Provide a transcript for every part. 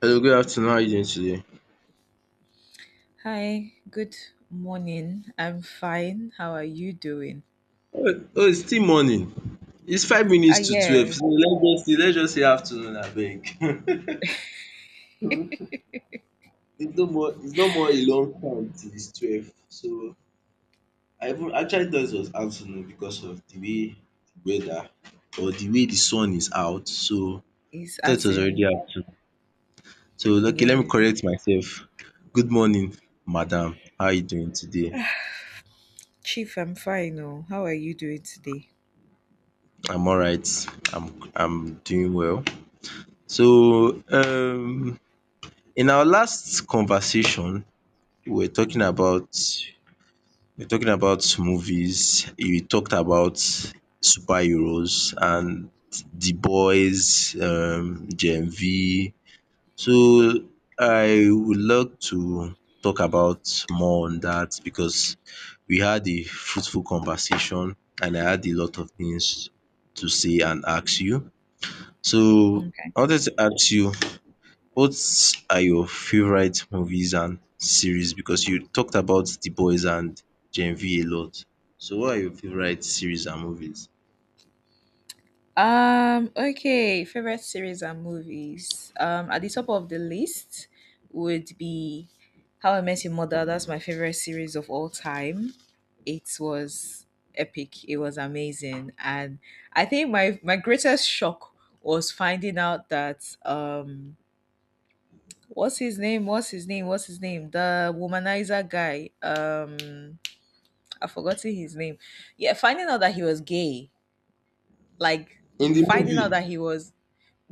Hello, good afternoon. How are you doing today? Hi, good morning. I'm fine. How are you doing? Oh, it's still morning. It's five Ah, minutes to 12. yeah, So let's just say afternoon, abeg. It's no more. It's no more a long time till it's 12. So I even actually thought it was afternoon because of the way the weather or the way the sun is out. So I it's thought it as was already in, afternoon. So okay, let me yeah. correct myself. Good morning, madam. How are you doing today? Chief, I'm fine. Oh, how are you doing today? I'm all right. I'm doing well. So in our last conversation, we were talking Hmm. about we were talking about movies. You talked about superheroes and The Boys, Gen V. So I would love to talk about more on that because we had a fruitful conversation and I had a lot of things to say and ask you. So Okay. I wanted to ask you what are your favorite movies and series? Because you talked about The Boys and Gen V a lot. So what are your favorite series and movies? Okay, favorite series and movies. At the top of the list would be How I Met Your Mother. That's my favorite series of all time. It was epic. It was amazing. And I think my greatest shock was finding out that what's his name? What's his name? What's his name? The womanizer guy. I've forgotten his name. Yeah, finding out that he was gay. Like In the finding out movie, that he was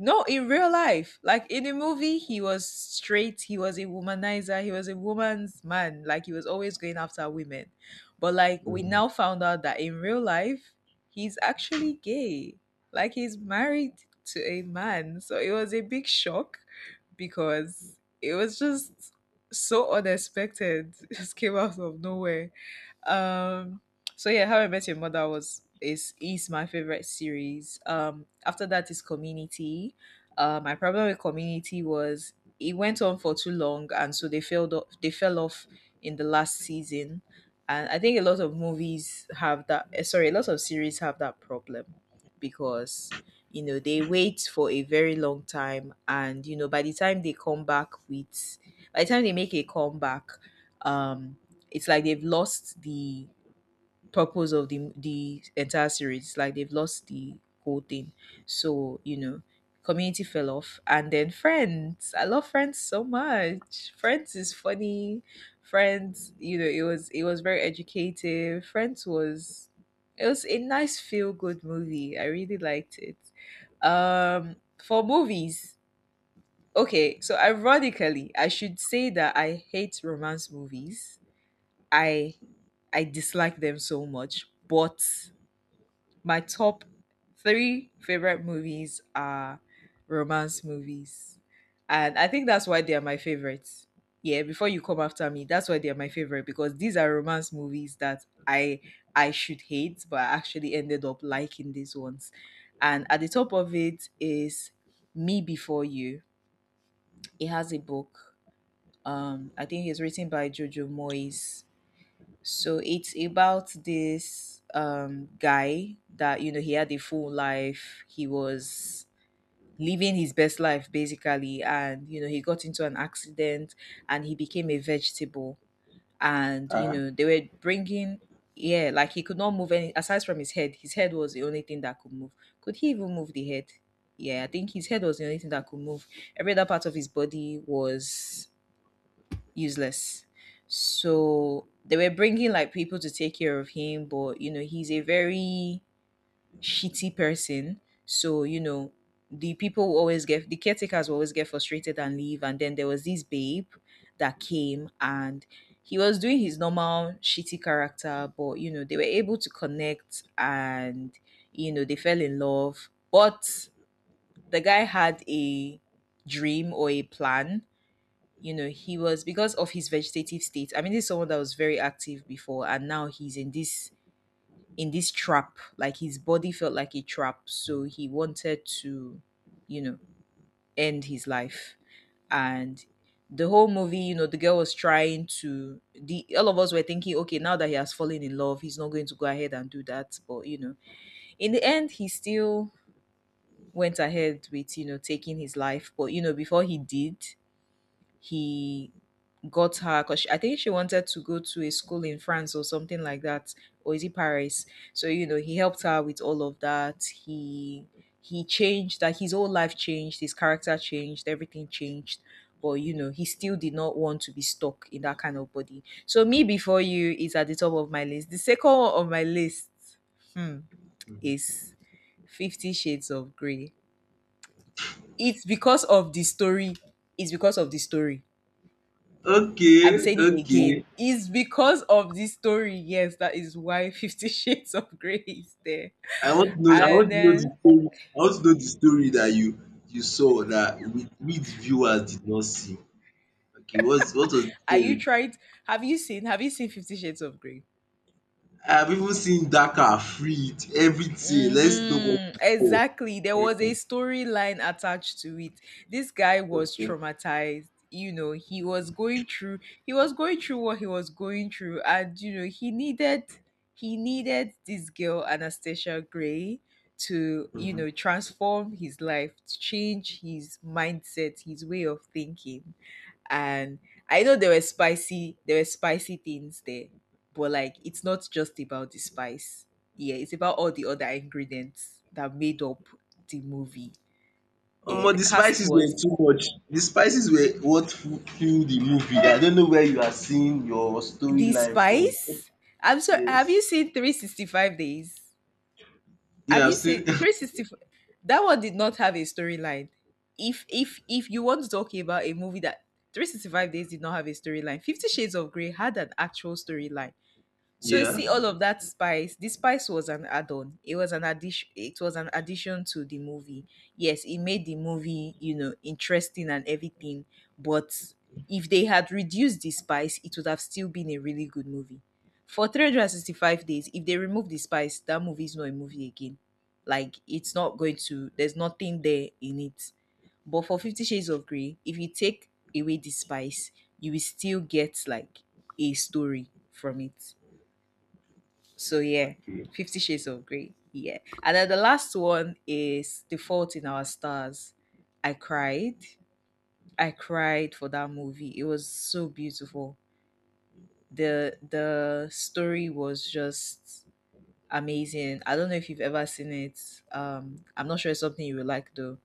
no, in real life, like in the movie, he was straight. He was a womanizer. He was a woman's man. Like he was always going after women. But like we now found out that in real life, he's actually gay. Like he's married to a man. So it was a big shock because it was just so unexpected. It just came out of nowhere. um so yeah, how I Met Your Mother was is my favorite series. After that is Community. My problem with Community was it went on for too long, and so they fell off in the last season. And I think a lot of series have that problem, because you know, they wait for a very long time and you know by the time they come back with by the time they make a comeback, um it's like they've lost the purpose of the entire series. It's like they've lost the whole thing. So you know, Community fell off, and then Friends. I love Friends so much. Friends is funny. Friends, you know, it was very educative. Friends was It was a nice feel good movie. I really liked it. Um, for movies, okay. So ironically, I should say that I hate romance movies. I I dislike them so much. But my top three favorite movies are romance movies. And I think that's why they are my favorites. Yeah, before you come after me, that's why they are my favorite, because these are romance movies that I should hate, but I actually ended up liking these ones. And at the top of it is Me Before You. It has a book. I think it's written by Jojo Moyes. So it's about this guy that, you know, he had a full life. He was living his best life, basically. And, you know, he got into an accident and he became a vegetable. And, you ah, know, they were bringing, yeah, like he could not move any, aside from his head. His head was the only thing that could move. Could he even move the head? Yeah, I think his head was the only thing that could move. Every other part of his body was useless. So they were bringing like people to take care of him, but you know, he's a very shitty person. So, you know, the caretakers will always get frustrated and leave. And then there was this babe that came, and he was doing his normal shitty character, but you know, they were able to connect, and you know, they fell in love. But the guy had a dream or a plan. You know, he was, because of his vegetative state, I mean, this is someone that was very active before, and now he's in this trap, like his body felt like a trap. So he wanted to, you know, end his life. And the whole movie, you know, the girl was trying to, the all of us were thinking, okay, now that he has fallen in love, he's not going to go ahead and do that. But you know, in the end, he still went ahead with, you know, taking his life. But you know, before he did, he got her, because I think she wanted to go to a school in France or something like that, or is it Paris? So you know, he helped her with all of that. He changed, that his whole life changed, his character changed, everything changed. But you know, he still did not want to be stuck in that kind of body. So Me Before You is at the top of my list. The second one on my list, hmm, is Fifty Shades of Grey. It's because of the story. It's because of the story, I'm okay, saying it okay. again. It's because of this story. Yes, that is why Fifty Shades of Grey is there. I want to know. I And want to know the then, story. I want to know the story that you saw that we the viewers did not see. Okay, what was the are story? you tried? Have you seen? Have you seen Fifty Shades of Grey? I have even seen Dakar, Freed, everything. Let's know Hmm. what Exactly. There was a storyline attached to it. This guy was before. traumatized. You know, he was going through what he was going through, and you know, he needed this girl Anastasia Gray to, you know, transform his life, to change his mindset, his way of thinking. And I know there were spicy things there, but like it's not just about the spice. Yeah, it's about all the other ingredients that made up the movie. Yeah, Omo the the cast spices were was too much. The spices were what fu fueled the movie. I don't know where you are seeing your the storyline from. spice. I'm sorry. Have Yes. you seen 365 days? Have Yeah, I've you seen seen 365? That one did not have a storyline. If you want to talk about a movie that 365 days did not have a storyline, Fifty Shades of Grey had an actual storyline. So yeah. see all of that spice. The spice was an add-on. It was an addition. It was an addition to the movie. Yes, it made the movie, you know, interesting and everything. But if they had reduced the spice, it would have still been a really good movie. For 365 days, if they remove the spice, that movie is not a movie again. Like it's not going to. There's nothing there in it. But for Fifty Shades of Grey, if you take away the spice, you will still get like a story from it. So yeah, Okay. Fifty Shades of Grey. Yeah, and then the last one is The Fault in Our Stars. I cried. I cried for that movie. It was so beautiful. The story was just amazing. I don't know if you've ever seen it. I'm not sure it's something you would like though.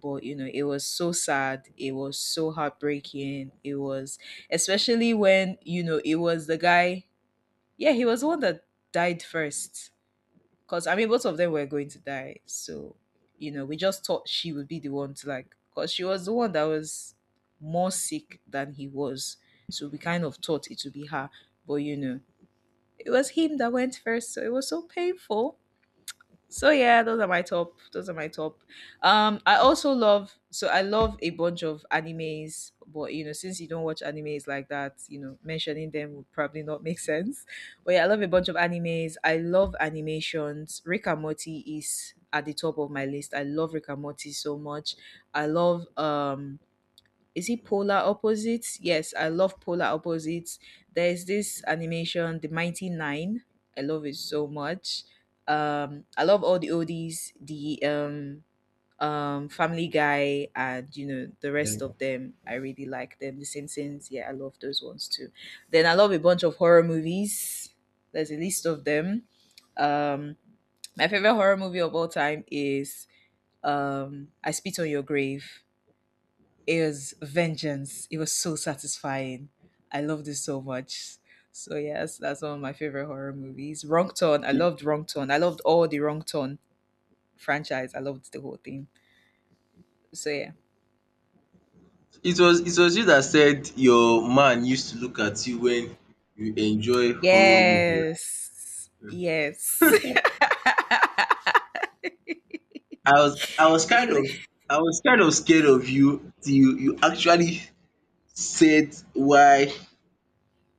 But you know, it was so sad. It was so heartbreaking. It was, especially when, you know, it was the guy. Yeah, he was the one that died first, because I mean both of them were going to die. So, you know, we just thought she would be the one to, like, because she was the one that was more sick than he was. So we kind of thought it would be her. But you know, it was him that went first, so it was so painful. So yeah, those are my top. Those are my top. I also love. So I love a bunch of animes, but you know, since you don't watch animes like that, you know, mentioning them would probably not make sense. But yeah, I love a bunch of animes. I love animations. Rick and Morty is at the top of my list. I love Rick and Morty so much. I love, is it Polar Opposites? Yes, I love Polar Opposites. There's this animation, The Mighty Nine. I love it so much. I love all the oldies, the Family Guy, and you know the rest of them. I really like them. The Simpsons, yeah, I love those ones too. Then I love a bunch of horror movies. There's a list of them. Um, my favorite horror movie of all time is, I Spit on Your Grave. It was vengeance. It was so satisfying. I loved it so much. So yes, that's one of my favorite horror movies. Wrong Turn. I It loved Wrong Turn. I loved all the Wrong Turn franchise. I loved the whole thing. So yeah. It was you that said your man used to look at you when you enjoy horror movie, right? Yes. Yes. I was kind Ele- of I was kind of scared of you till you actually said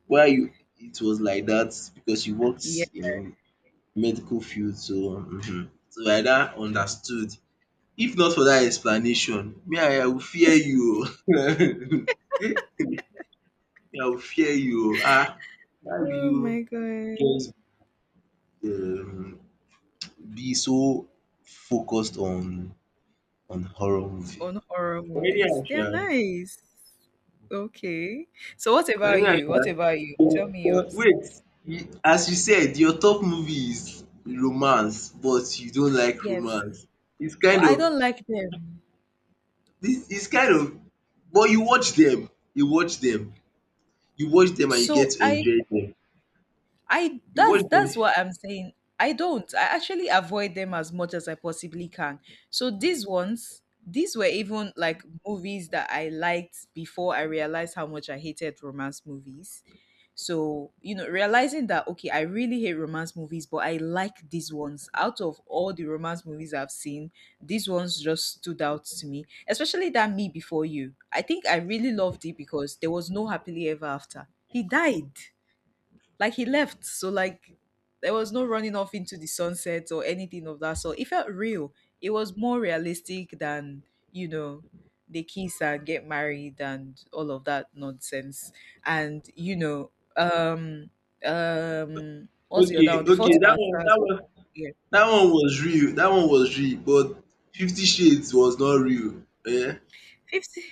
why you it was like that because you worked yeah. in medical field so so I now understood. If not for that explanation me I will fear you um me I will fear you um how do Oh my you god. just um be so focused on horror movie. On horror But movies. anyhow They are sha, nice. Okay. So what but about anyhow you? sha What about you? but Tell me yours. wait you- as you said your top movie is romance but you don't like Yes. romance. It's But kind I of don't like them. This is kind of but you watch them, and you get So to I enjoy them. I You watch that's them. What I'm saying. I don't. I actually avoid them as much as I possibly can. So these ones, these were even like movies that I liked before I realized how much I hated romance movies. So, you know, realizing that okay, I really hate romance movies, but I like these ones. Out of all the romance movies I've seen, these ones just stood out to me. Especially that Me Before You. I think I really loved it because there was no happily ever after. He died. Like he left, so like there was no running off into the sunset or anything of that sort. It felt real. It was more realistic than you know they kiss and get married and all of that nonsense. And what's the Okay, other one? The okay, Fault in that Our one Stars that was one yeah. that one was real. That one was real but Fifty Shades was not real. Yeah. 50,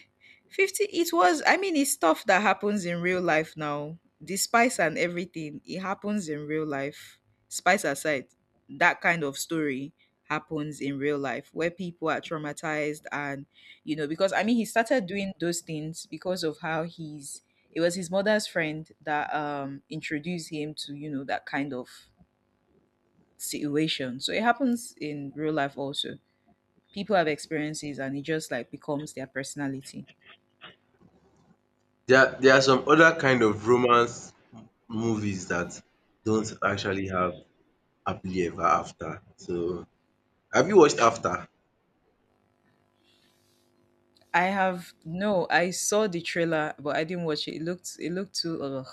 50. It was I mean it's stuff that happens in real life. Now the spice and everything, it happens in real life, spice aside. That kind of story happens in real life, where people are traumatized. And you know because I mean he started doing those things because of how he's, it was his mother's friend that introduced him to, that kind of situation. So it happens in real life also. People have experiences and it just like becomes their personality. There are some other kind of romance movies that don't actually have happily ever after. So have you watched After? I have, no. I saw the trailer, but I didn't watch it. It looked, too. Ugh.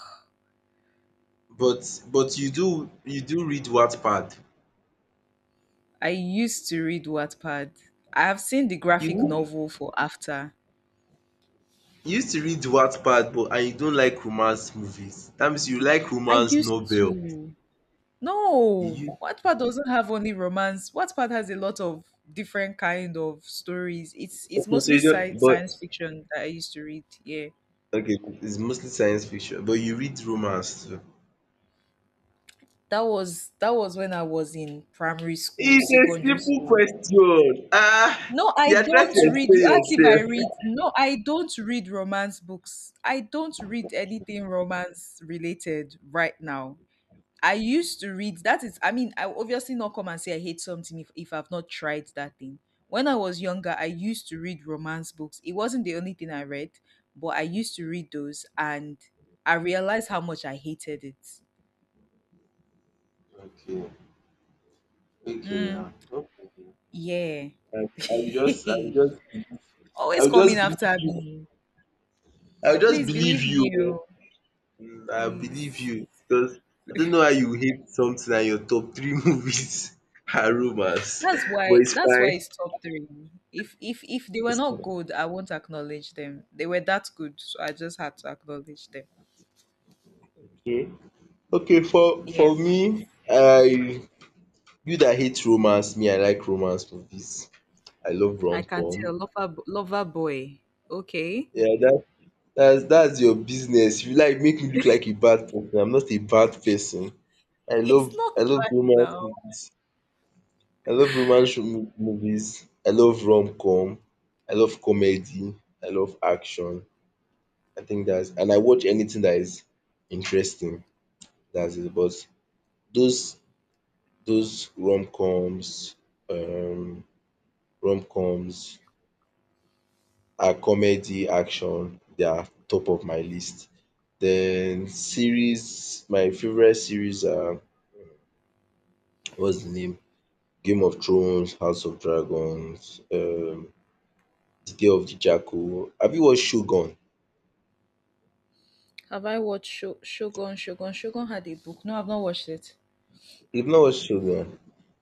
But you do read Wattpad. I used to read Wattpad. I have seen the graphic You novel for After. You used to read Wattpad, but and you don't like romance movies. That means you like I romance used novel. to. You No, use Wattpad doesn't have only romance. Wattpad has a lot of different kind of stories. It's Okay, so mostly you don't but science fiction that I used to read. Yeah, okay, it's mostly science fiction, but you read romance too. that was when I was in primary school, It's a secondary simple school. question. Ah, No, you I are trying don't to read. You explain asked if I read. yourself. No, I don't read romance books. I don't read anything romance related right now. I used to read. That is, I mean, I will obviously not come and say I hate something if, I've not tried that thing. When I was younger, I used to read romance books. It wasn't the only thing I read, but I used to read those and I realized how much I hated it. Okay, okay Mm, now. No problem. yeah. I will just believe. I Always will just coming believe after you. me. I will just Please believe believe me. you. Oh. Mm, I believe Please. you because I don't know how you hate something and your top three movies are romance, That's but why it's that's why fine. it's top three. If they were It's not fine. good, I won't acknowledge them. They were that good, so I just had to acknowledge them. Okay. Okay. Yes. For me, I you that hate romance, me I like romance movies. I love I rom can tell. com. Lover boy. Okay. Yeah, that's your business. You like make me look like a bad person. I'm not a bad person. It's not I love bad romance now. movies. I love romance movies, I love rom-com, I love comedy, I love action. I think that's and I watch anything that is interesting. That's it. But those those rom-coms, um rom-coms are comedy, action, they are top of my list. Then series, my favorite series are what's the name? Game of Thrones, House of Dragons, The Day of the Jackal. Have you watched Shogun? Have I watched Shogun? Shogun. Shogun had a book. No, I've not watched it. You've not watched Shogun.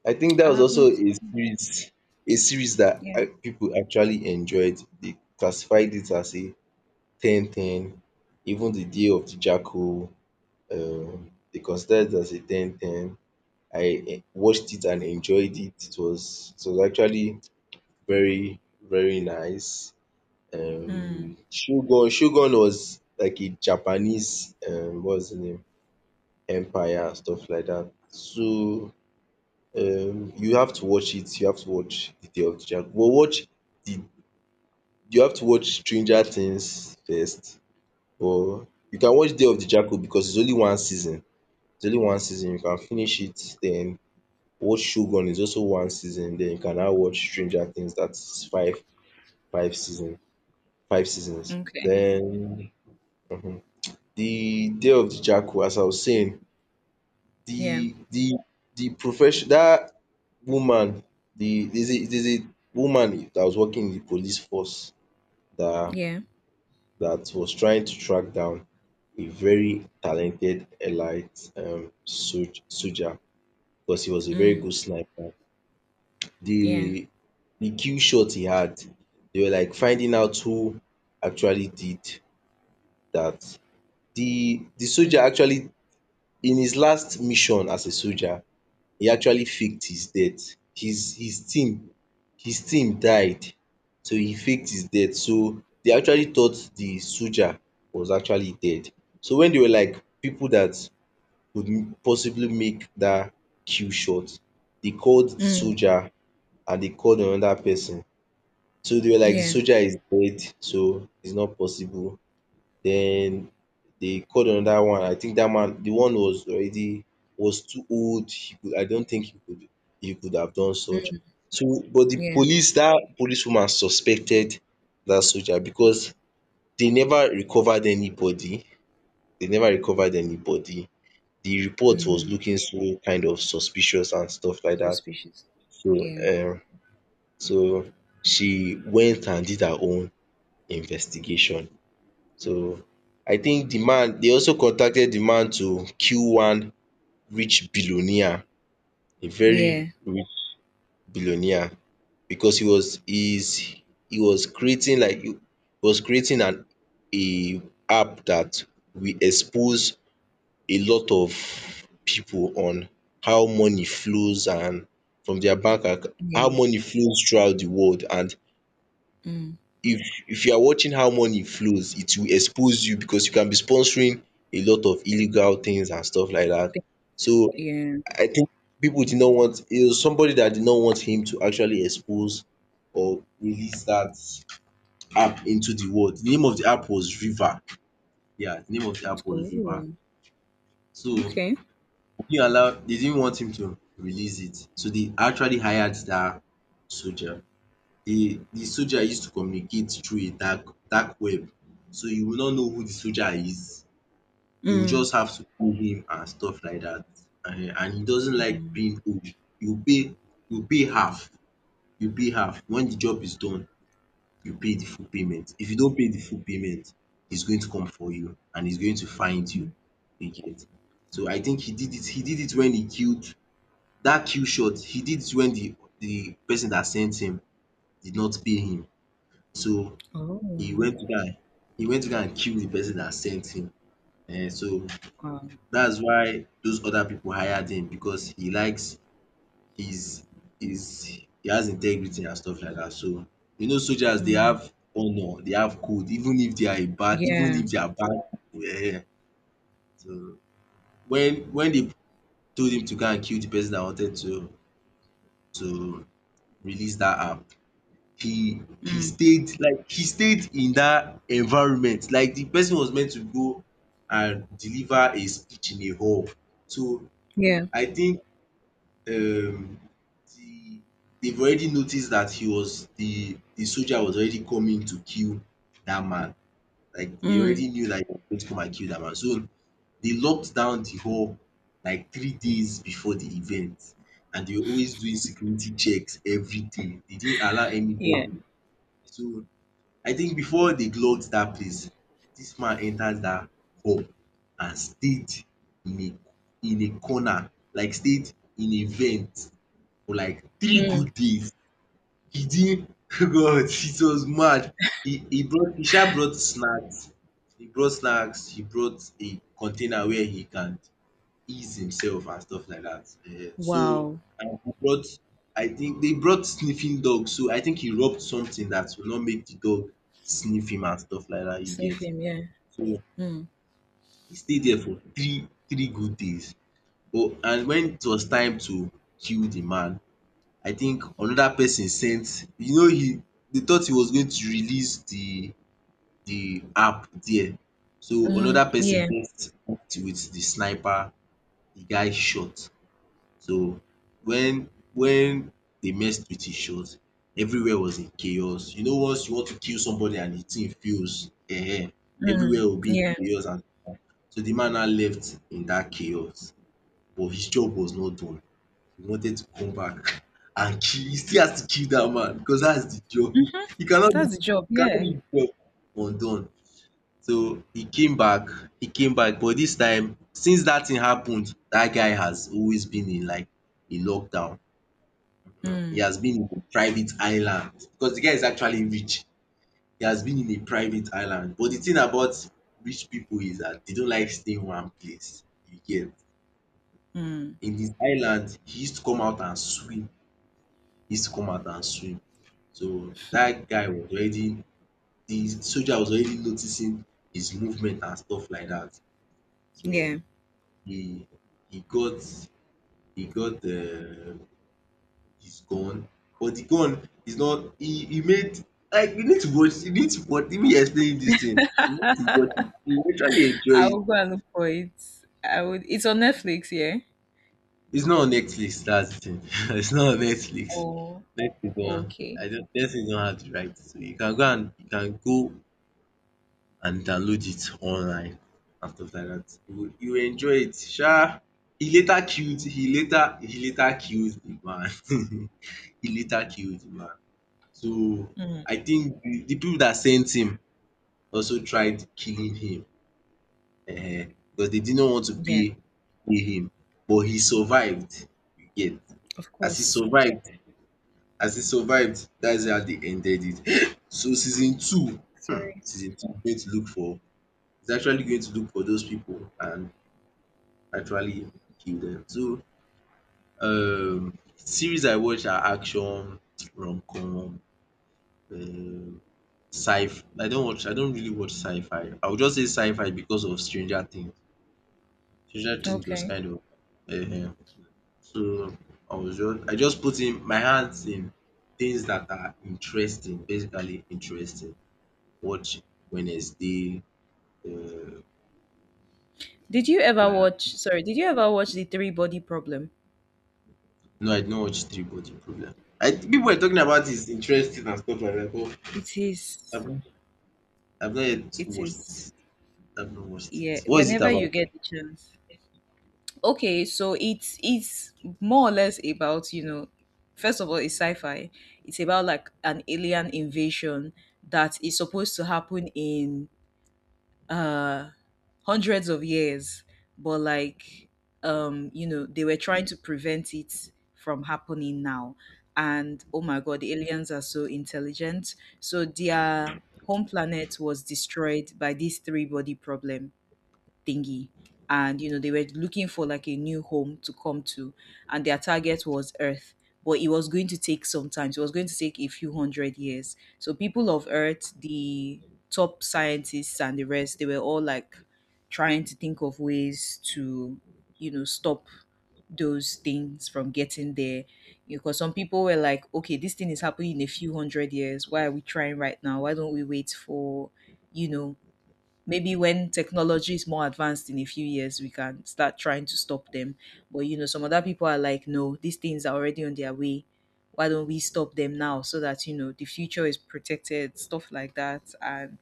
I think that I was have also not. I haven't watched a series it. that Yeah. People actually enjoyed. They classified it as a ten ten. Even the Day of the Jackal, they considered it as a ten ten. I watched it and enjoyed it. It was actually very, very nice. Mm. Shogun was like a Japanese, what was the name? Empire and stuff like that. So you have to watch it, you have to watch the day of the Dragon but watch the you have to watch Stranger Things first or you can watch Day of the Jackal because it's only one season, it's only one season you can finish it then watch Shogun is also one season then you can now watch Stranger Things that is five season five seasons. Okay. Then um the day of the Jackal as I was saying Yeah. The the the profession that woman, there's a woman that was working in the police force that Yeah. Was trying to track down a very talented elite soldier because he was a very Mm. good sniper. Yeah. The the kill shot he had, they were like finding out who actually did that. The soldier Mm. actually in his last mission as a soldier, e actually faked his death. His team his team died so he faked his death. So they actually thought the soldier was actually dead. So when they were like people that could possibly make dat kill shot, they called the Mm. soldier and they called another person. So they were like the Yeah. soldier is dead so it's not possible. Then they called another one. I think that man, the one was already was too old. He could, I don't think he could have done such. Mm. So, but the Yeah. police, that policewoman suspected that soldier because they never recovered anybody. They never recovered anybody. The report was Mm. looking so kind of suspicious and stuff like that. Suspicious. So, Yeah. So she went and did her own investigation. So I think di man dey also contacted di man to kill one rich billionaire, a very Yeah, rich billionaire because he was creating like he was creating an a app that will expose a lot of pipu on how money flows and from their bank account, how yeah, money flows throughout di world and mm, if if you are watching how money flows it will expose you because you can be sponsoring a lot of illegal things and stuff like that. th So yeah. I think people did not want it was somebody that did not want him to actually expose or release that app into the world. The name of the app was River. Yeah, the name of the app was River. Oh. So they Okay. didn't allow they didn't want him to release it. So they actually hired that soldier. The soldier used to communicate through a dark web. So you will not know who the soldier is. You will Mm, just have to pay him and stuff like that. Um and he doesn't like mm, being owed. You pay you pay half, you pay half. When the job is done, you pay the full payment. If you don't pay the full payment, he's going to come for you and he's going to find you. mm. You get. So I think he did it when he killed that kill shot, he did it when the person that sent him did not pay him. So e Oh, went down e went to go and kill the person that sent him so wow. that's why those other people hired him because he likes his his he has integrity and stuff like that so you know soldiers dey Mm, have honour dey have code even if they are a bad even yeah, if they are bad people so when they told him to go and kill the person that wanted to release that app he mm, stayed like he stayed in that environment like the person was meant to go and deliver a speech in a hall so yeah, I think um the they've already noticed that he was the soldier was already coming to kill that man like they mm, already knew that he was going to come and kill that man so they locked down the hall like 3 days before the event and they were always doing security checks every day they didn't allow yeah, anybody so I think before dey gloves dat place, dis man enter dat pub and stayed in a in a corner like stayed in a vent for like three mm. good days. He didn't God it was mad. He brought he sha brought snacks, he brought snacks, he brought a container where he can ease himself and stuff like that. Um so Wow. and he brought I think they brought sniffing dog so I think he rubbed something that will not make the dog sniff him and stuff like that you get. Sniffing, yeah. So Mm, he stayed there for three good days. But and when it was time to kill the man, I think another person sent. He— they thought he was going to release the app there, so mm, another person yeah, met with the sniper. The guy shot. So when they messed with his other, everywhere was in chaos. You know, once you want to kill somebody and the thing fails, mm, everywhere will be yeah. in chaos, and so the man now left in that chaos, but his job was not done. He wanted to come back and kill— he still has to kill that man because that is the job. Mhm. He cannot That's leave— the job, you cannot yeah. leave job undone. So he came back, he came back, but this time, since that thing happened, that guy has always been in like a lockdown. He Mm, has been in a private island because the guy is actually rich. He has been in a private island. But the thing about rich people is that they don't like staying one place. You get? mm, In this island, he used to come out and swim. He used to come out and swim. So that guy was already— the soldier was already noticing his movement and stuff like that. yeah. So he he got he got, is gone, but the gone is not— he made— like, you need to watch, even you explaining this thing, you need to watch it, you will literally enjoy I will it. go and look for it. I would. It's on Netflix, yeah? It's not on Netflix, that's the thing. It's not on Netflix. Oh, Netflix don okay. I don't Netflix don have the right, so you can go and download it online and stuff like that. You will you will enjoy it sha. He later killed the man. He later killed the man. So Mm, I think the people that sent him also tried killing him, because they did not want to yeah, pay him, but he survived, you get. of As he course. survived as he survived, that's how they ended it. So Sorry. season two is going to look for is actually going to look for those people and actually kill them. So series I watch are action, rom-com, um Sci I don't really watch sci-fi. I would just say sci-fi because of Stranger Things. Stranger Things was Okay. kind of uh, so I just put in my hands in things that are interesting, basically interesting. Watch Wednesday, uh, Did you ever like that. watch, sorry, did you ever watch The Three Body Problem? No, I don't watch Three Body Problem. I— people are talking about is interesting and stuff like that, but It is I've not, I've not yet it watched is it. I've not watched yeah, it. What is it whenever you about? get the chance. Okay, so it's more or less about, first of all it's sci-fi. It's about like an alien invasion that is supposed to happen in uh hundreds of years, but like, you know, they were trying to prevent it from happening now. And oh my god, the aliens are so intelligent. So their home planet was destroyed by this three body problem thingy, and you know, they were looking for like a new home to come to, and their target was Earth. But it was going to take some time, it was going to take a few hundred years. So people of Earth, the top scientists and the rest, they were all like trying to think of ways to, stop those things from getting there. Because some people were like, okay, this thing is happening in a few hundred years, why are we trying right now, why don't we wait for, you know maybe when technology is more advanced in a few years, we can start trying to stop them. But you know, some other people are like, no, these things are already on their way. Why don't we stop them now so that the future is protected, stuff like that. And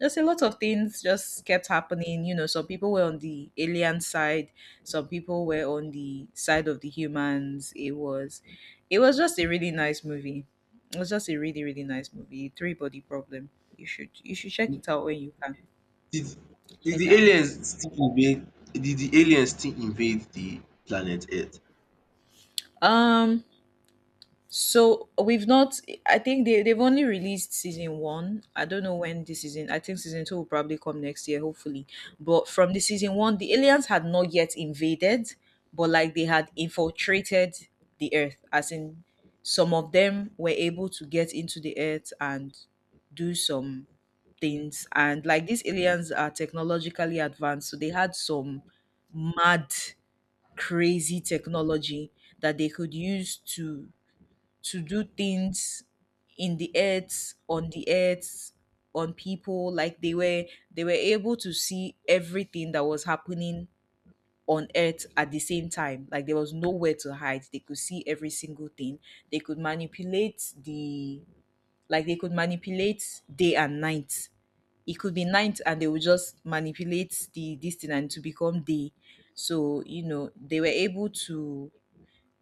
just a lot of things just kept happening. You know, some people were on the alien side, some people were on the side of the humans. It was just a really nice movie. It was just a really nice movie. Three Body Problem. You should check it out when you can. Did did Check it the out. aliens still invade did the aliens still invade the planet Earth? Um, so we've not. I think they've only released season one. I don't know when this season. I think season two will probably come next year, hopefully. But from the season one, the aliens had not yet invaded, but like they had infiltrated the Earth, as in some of them were able to get into the Earth and do some things. And like these aliens are technologically advanced, so they had some mad crazy technology that they could use to do things in the earth, on the earth, on people. Like they were able to see everything that was happening on earth. At the same time, like there was nowhere to hide, they could see every single thing. They could manipulate the, like they could manipulate day and night. It could be night and they would just manipulate the this thing and to become day. So you know,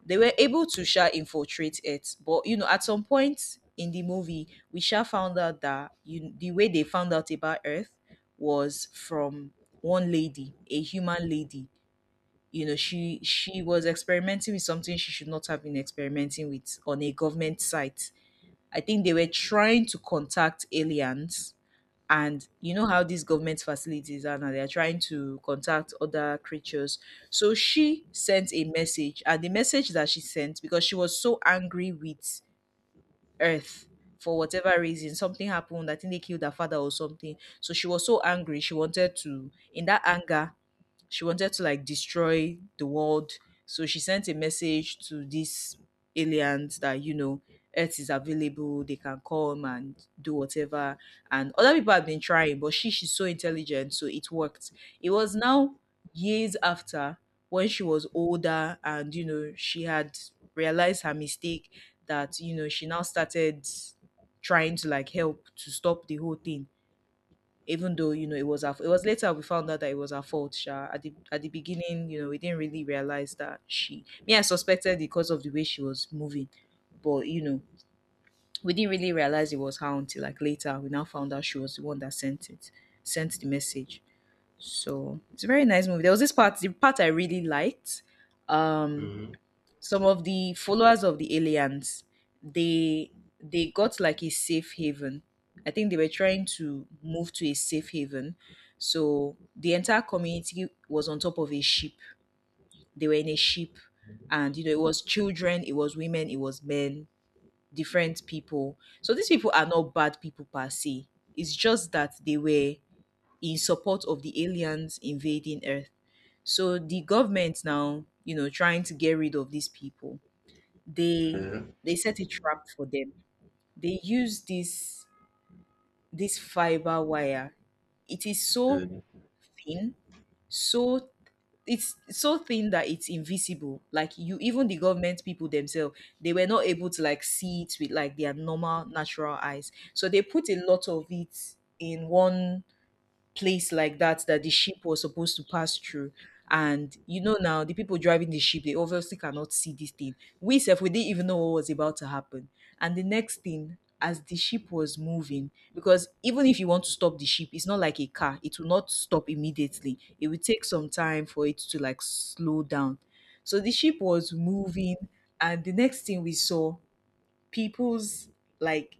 they were able to sha infiltrate it. But you know, at some point in the movie, we sha found out that, you, the way they found out about earth was from one lady, a human lady. You know, she was experimenting with something she should not have been experimenting with, on a government site. I think they were trying to contact aliens. And you know how these government facilities are, now they are trying to contact other creatures. So she sent a message, and the message that she sent, because she was so angry with earth for whatever reason. Something happened. I think they killed her father or something. So she was so angry. She wanted to, in that anger, she wanted to like destroy the world. So she sent a message to these aliens that, you know, Earth is available, they can come and do whatever. And other people have been trying, but she's so intelligent, so it worked. It was now years after, when she was older, and you know, she had realized her mistake, that you know, she now started trying to like help to stop the whole thing. Even though you know, it was later we found out that it was her fault sha. At the beginning, you know, we didn't really realize that she, me, I suspected because of the way she was moving. But you know, we didn't really realize it was her until like later, we now found out she was the one that sent it, sent the message. So it's a very nice movie. There was this part, the part I really liked, um Mhm, some of the followers of the aliens, they they got like a safe haven. I think they were trying to move to a safe haven. So the entire community was on top of a ship. They were in a ship. And you know, it was children, it was women, it was men, different people. So these people are not bad people per se, it's just that they were in support of the aliens invading earth. So the government, now you know, trying to get rid of these people, they yeah. they set a trap for them. They use this fiber wire. It is so um thin, so it's so thin that it's invisible. Like you, even the government people themselves, they were not able to like see it with like their normal natural eyes. So they put a lot of it in one place like that, that the ship was supposed to pass through. And you know, now the people driving the ship, they obviously cannot see this thing. We self, we didn't even know what was about to happen. And the next thing, as the ship was moving, because even if you want to stop the ship, it's not like a car. It will not stop immediately. It will take some time for it to like slow down. So the ship was moving, and the next thing we saw, people's like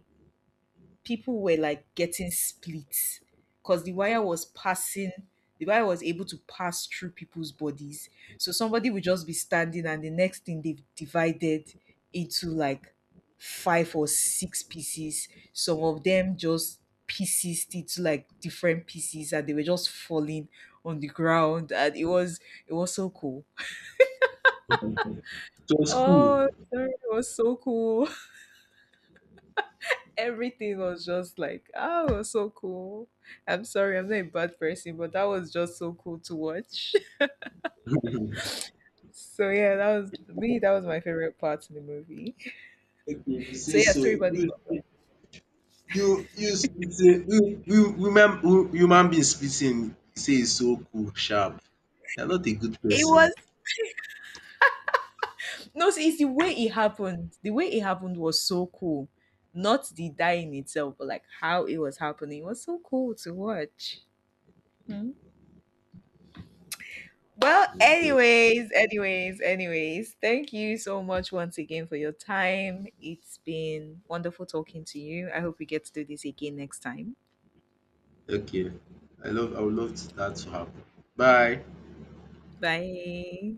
people were like getting split, because the wire was able to pass through people's bodies. So somebody would just be standing, and the next thing, they've divided into like five or six pieces. Some of them just pieces into like different pieces, and they were just falling on the ground. And it was so cool. It was cool. Oh sorry, it was so cool, everything was just like, oh, it was so cool. I'm sorry, I'm not a bad person, but that was just so cool to watch. So yeah, that was me. That was my favorite part in the movie. Okay, if you So say yeah, so, story about the problem. you you spit say you human being spitting say e so cool sharp. You are not a good It person. was, no, see, it's the way it happened. The way it happened was so cool. Not the dying itself, but like how it was happening was so cool to watch. Well, Okay, anyways, thank you so much once again for your time. It's been wonderful talking to you. I hope we get to do this again next time. okay. I would love to, that to happen. Bye. Bye.